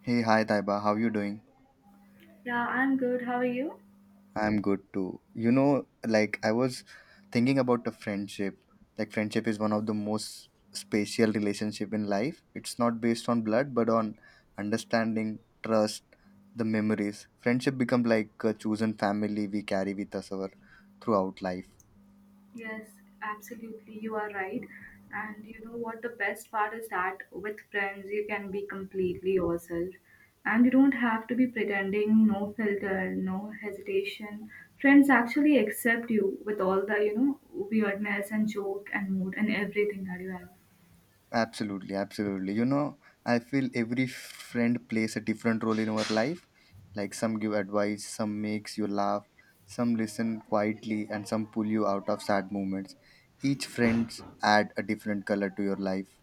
Hey, hi Taiba, how you doing? Yeah, I'm good. How are you? I'm good too. You know, like I was thinking about the friendship. Like friendship is one of the most special relationship in life. It's not based on blood, but on understanding, trust, the memories. Friendship become like a chosen family we carry with us our throughout life. Yes, absolutely. You are right. And you know what? The best part is that with friends, you can be completely yourself. And you don't have to be pretending, no filter, no hesitation. Friends actually accept you with all the, weirdness and joke and mood and everything that you have. Absolutely, absolutely. You know, I feel every friend plays a different role in our life. Like some give advice, some makes you laugh, some listen quietly, and some pull you out of sad moments. Each friends add a different color to your life.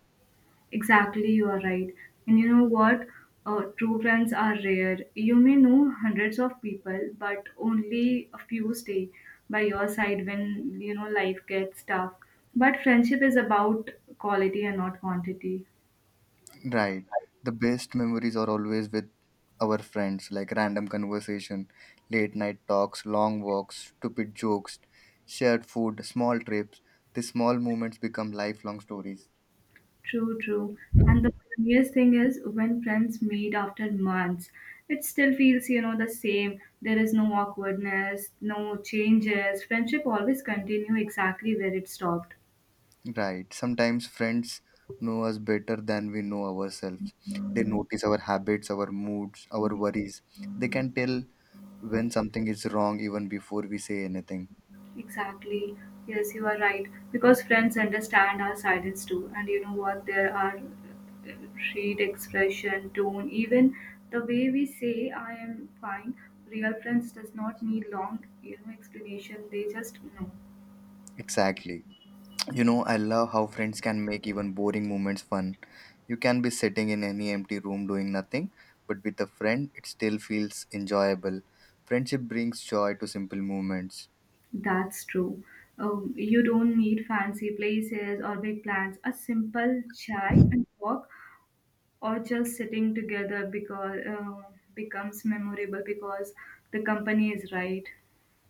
Exactly, you are right. And you know what? True friends are rare. You may know hundreds of people, but only a few stay by your side when you know life gets tough. But friendship is about quality and not quantity. Right. The best memories are always with our friends, like random conversation, late night talks, long walks, stupid jokes, shared food, small trips. These small moments become lifelong stories. True, true. And the funniest thing is when friends meet after months, it still feels the same. There is no awkwardness, no changes. Friendship always continue exactly where it stopped. Right. Sometimes friends know us better than we know ourselves. They notice our habits, our moods, our worries. They can tell when something is wrong even before we say anything. Exactly. Yes, you are right. Because friends understand our silence too, and you know what? There are read expression, tone, even the way we say "I am fine." Real friends does not need long, explanation. They just know. Exactly. You know, I love how friends can make even boring moments fun. You can be sitting in any empty room doing nothing, but with a friend, it still feels enjoyable. Friendship brings joy to simple moments. That's true. You don't need fancy places or big plans. A simple chai and walk, or just sitting together, because becomes memorable because the company is right.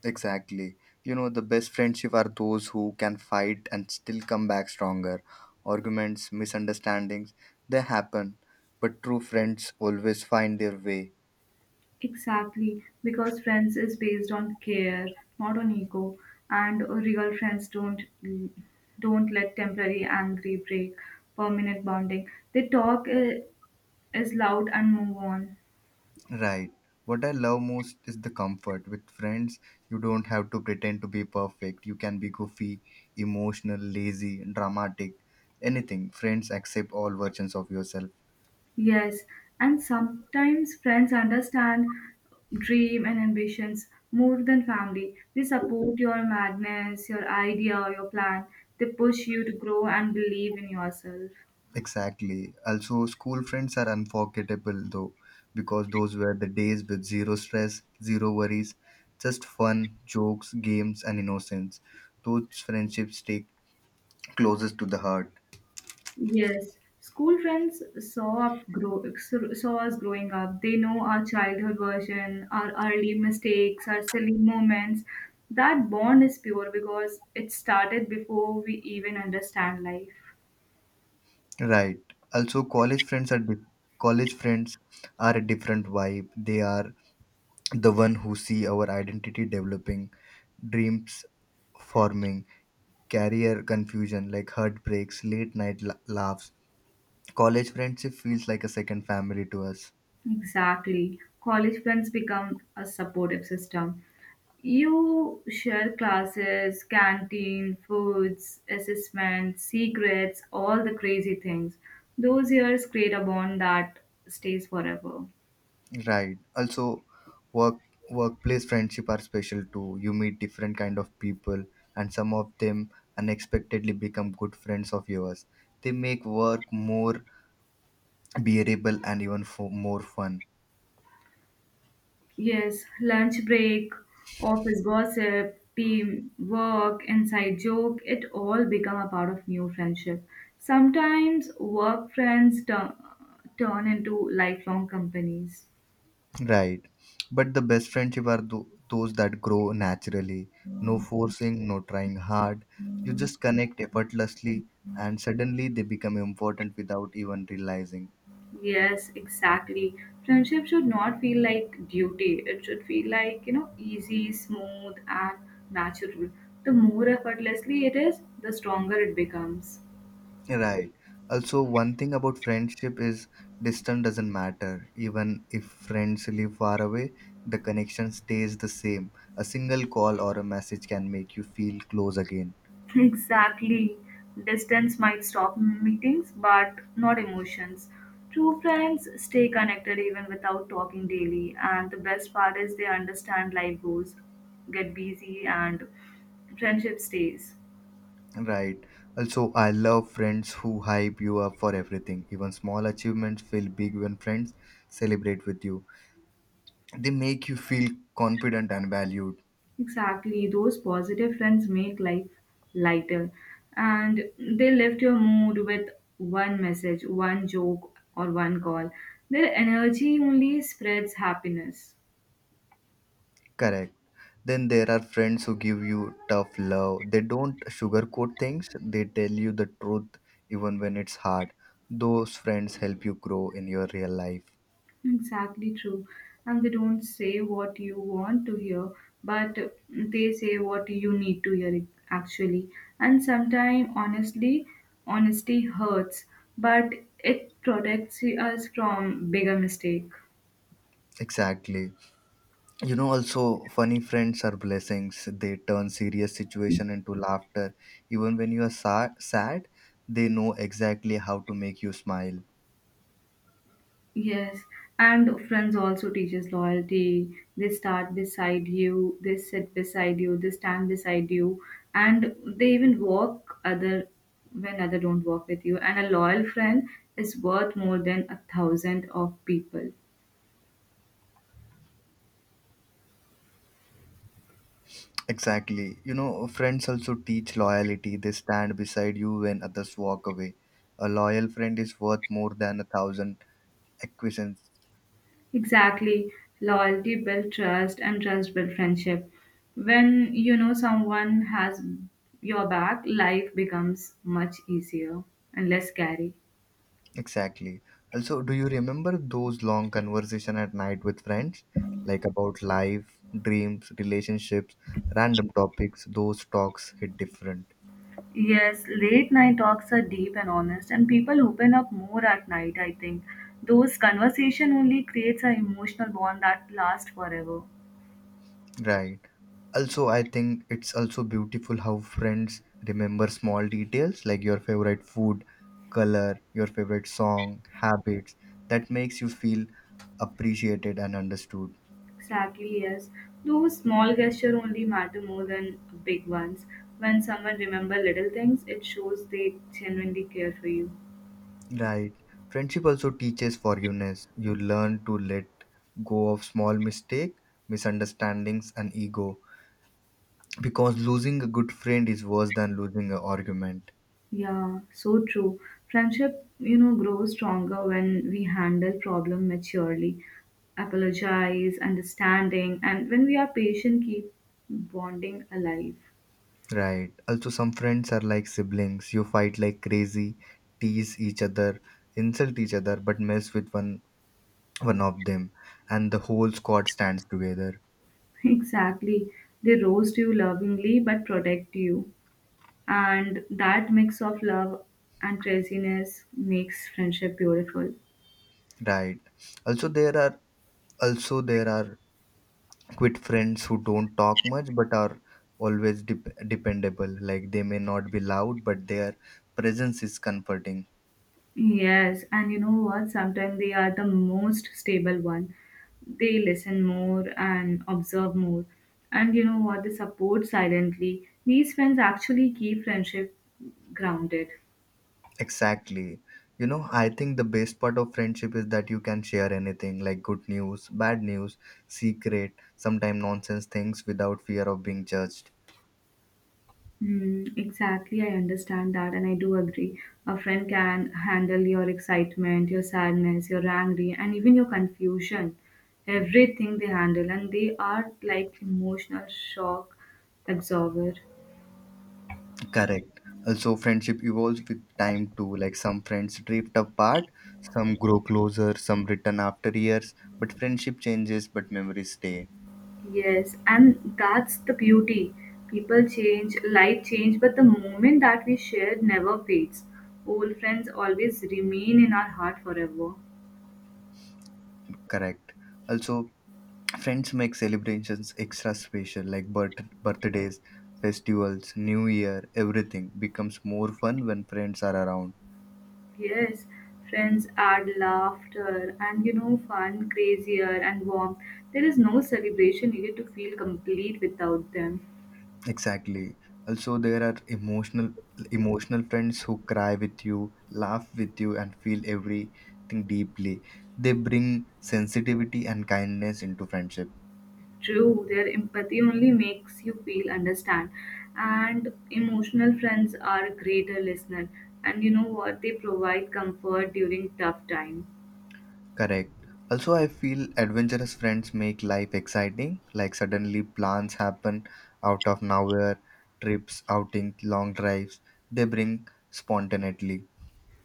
Exactly. You know, the best friendship are those who can fight and still come back stronger. Arguments, misunderstandings, they happen, but true friends always find their way. Exactly, because friends is based on care, not on ego, and real friends don't let temporary angry break permanent bonding. They talk is loud and move on. Right. What I love most is the comfort. With friends, you don't have to pretend to be perfect. You can be goofy, emotional, lazy, dramatic, anything. Friends accept all versions of yourself. Yes, and sometimes friends understand dream and ambitions more than family. They support your madness, your idea, or your plan. They push you to grow and believe in yourself. Exactly. Also, school friends are unforgettable though, because those were the days with zero stress, zero worries, just fun, jokes, games, and innocence. Those friendships stay closest to the heart. Yes, school friends saw us growing up. They know our childhood version, our early mistakes, our silly moments. That bond is pure because it started before we even understand life. Right. Also, college friends are a different vibe. They are the one who see our identity developing, dreams forming, career confusion like heartbreaks, late night laughs. College friendship feels like a second family to us. Exactly. College friends become a supportive system. You share classes, canteen, foods, assessments, secrets, all the crazy things. Those years create a bond that stays forever. Right. Also, work workplace friendship are special too. You meet different kind of people, and some of them unexpectedly become good friends of yours. They make work more bearable and even more fun. Yes, lunch break, office gossip, team work, inside joke, it all become a part of new friendship. Sometimes work friends turn into lifelong companies. Right. But the best friendship are those that grow naturally. No forcing, no trying hard. You just connect effortlessly, and suddenly they become important without even realizing. Yes, exactly. Friendship should not feel like duty. It should feel like, you know, easy, smooth, and natural. The more effortlessly it is, the stronger it becomes. Right. Also, one thing about friendship is distance doesn't matter. Even if friends live far away, the connection stays the same. A single call or a message can make you feel close again. Exactly. Distance might stop meetings, but not emotions. True friends stay connected even without talking daily, and the best part is they understand life goes, get busy, and friendship stays. Right. Also, I love friends who hype you up for everything. Even small achievements feel big when friends celebrate with you. They make you feel confident and valued. Exactly. Those positive friends make life lighter, and they lift your mood with one message, one joke, or one call. Their energy only spreads happiness. Correct. Then there are friends who give you tough love. They don't sugarcoat things, they tell you the truth even when it's hard. Those friends help you grow in your real life. Exactly true. And they don't say what you want to hear, but they say what you need to hear actually. And sometimes honestly, honesty hurts, but it protects us from bigger mistake. Exactly. You know, also, funny friends are blessings. They turn serious situation into laughter. Even when you are sad, they know exactly how to make you smile. Yes, and friends also teaches loyalty. They start beside you, they sit beside you, they stand beside you, and they even walk other when other don't walk with you. And a loyal friend is worth more than a thousand of people. Exactly. You know, friends also teach loyalty. They stand beside you when others walk away. A loyal friend is worth more than a thousand acquaintances. Exactly, loyalty build trust, and trust build friendship. When you know someone has your back, life becomes much easier and less scary. Exactly. Also, do you remember those long conversation at night with friends? Like about life, dreams, relationships, random topics. Those talks hit different. Yes, late night talks are deep and honest, and people open up more at night, I think. Those conversation only creates an emotional bond that lasts forever. Right. Also, I think it's also beautiful how friends remember small details like your favorite food, color, your favorite song, habits. That makes you feel appreciated and understood. Exactly, yes. Those small gestures only matter more than big ones. When someone remember little things, it shows they genuinely care for you. Right. Friendship also teaches forgiveness. You learn to let go of small mistake, misunderstandings, and ego, because losing a good friend is worse than losing an argument. Yeah, so true. Friendship, you know, grows stronger when we handle problem maturely, apologize, understanding, and when we are patient, keep bonding alive. Right. Also, some friends are like siblings. You fight like crazy, tease each other, insult each other, but mess with one of them, and the whole squad stands together. Exactly. They roast you lovingly but protect you. And that mix of love and craziness makes friendship beautiful. Right. Also, there are quit friends who don't talk much but are always dependable. Like they may not be loud, but their presence is comforting. Yes, and you know what? Sometimes they are the most stable one. They listen more and observe more. And you know what? They support silently. These friends actually keep friendship grounded. Exactly. You know, I think the best part of friendship is that you can share anything like good news, bad news, secret, sometimes nonsense things without fear of being judged. Hmm, exactly, I understand that, and I do agree. A friend can handle your excitement, your sadness, your angry, and even your confusion. Everything they handle, and they are like emotional shock absorber. Correct. Also, friendship evolves with time too. Like some friends drift apart, some grow closer, some return after years, but friendship changes, but memories stay. Yes, and that's the beauty. People change, life change, but the moment that we shared never fades. Old friends always remain in our heart forever. Correct. Also, friends make celebrations extra special, like birthdays, festivals, New Year, everything becomes more fun when friends are around. Yes, friends add laughter and you know fun, crazier and warmth. There is no celebration needed to feel complete without them. Exactly. Also, there are emotional friends who cry with you, laugh with you, and feel everything deeply. They bring sensitivity and kindness into friendship. True, their empathy only makes you feel understand. And emotional friends are a greater listener. And you know what? They provide comfort during tough time. Correct. Also, I feel adventurous friends make life exciting. Like suddenly plans happen out of nowhere, trips, outing, long drives. They bring spontaneity.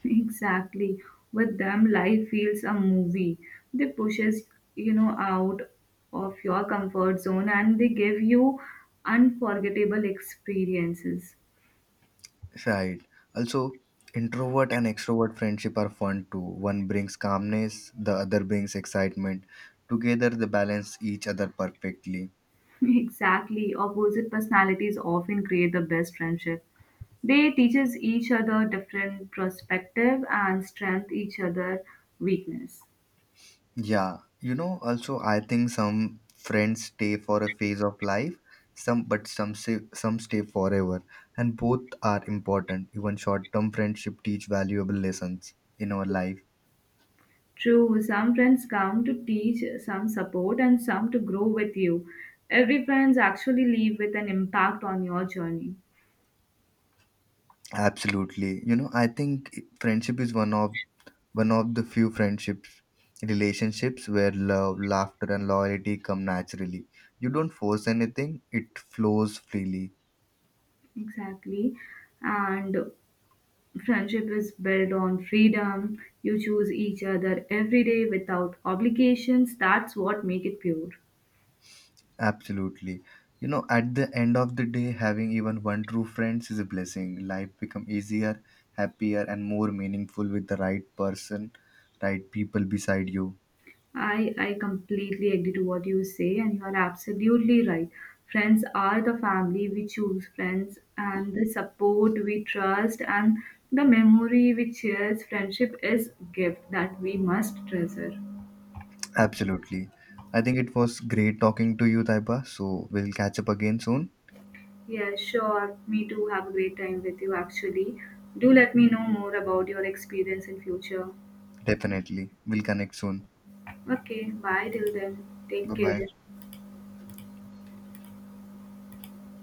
Exactly. With them, life feels a movie. They pushes out of your comfort zone and they give you unforgettable experiences. Right. Also, introvert and extrovert friendship are fun too. One brings calmness, the other brings excitement. Together, they balance each other perfectly. Exactly. Opposite personalities often create the best friendship. They teaches each other different perspective and strength each other weakness. Yeah, you know, also I think some friends stay for a phase of life, some but some stay. Some stay forever, and both are important. Even short-term friendship teach valuable lessons in our life. True, some friends come to teach, some support, and some to grow with you. Every friends actually leave with an impact on your journey. Absolutely. You know, I think friendship is one of the few friendships relationships where love, laughter and loyalty come naturally. You don't force anything, it flows freely. Exactly. And friendship is built on freedom. You choose each other every day without obligations. That's what make it pure. Absolutely. You know, at the end of the day, having even one true friends is a blessing. Life become easier, happier, and more meaningful with the right people beside you. I completely agree to what you say, and you are absolutely right. Friends are the family we choose, friends, and the support we trust, and the memory we cherish. Friendship is gift that we must treasure. Absolutely. I think it was great talking to you, Taiba. So we'll catch up again soon. Yeah, sure. Me too. Have a great time with you. Actually, do let me know more about your experience in future. Definitely. We'll connect soon. Okay, bye till then. Take Bye care. bye.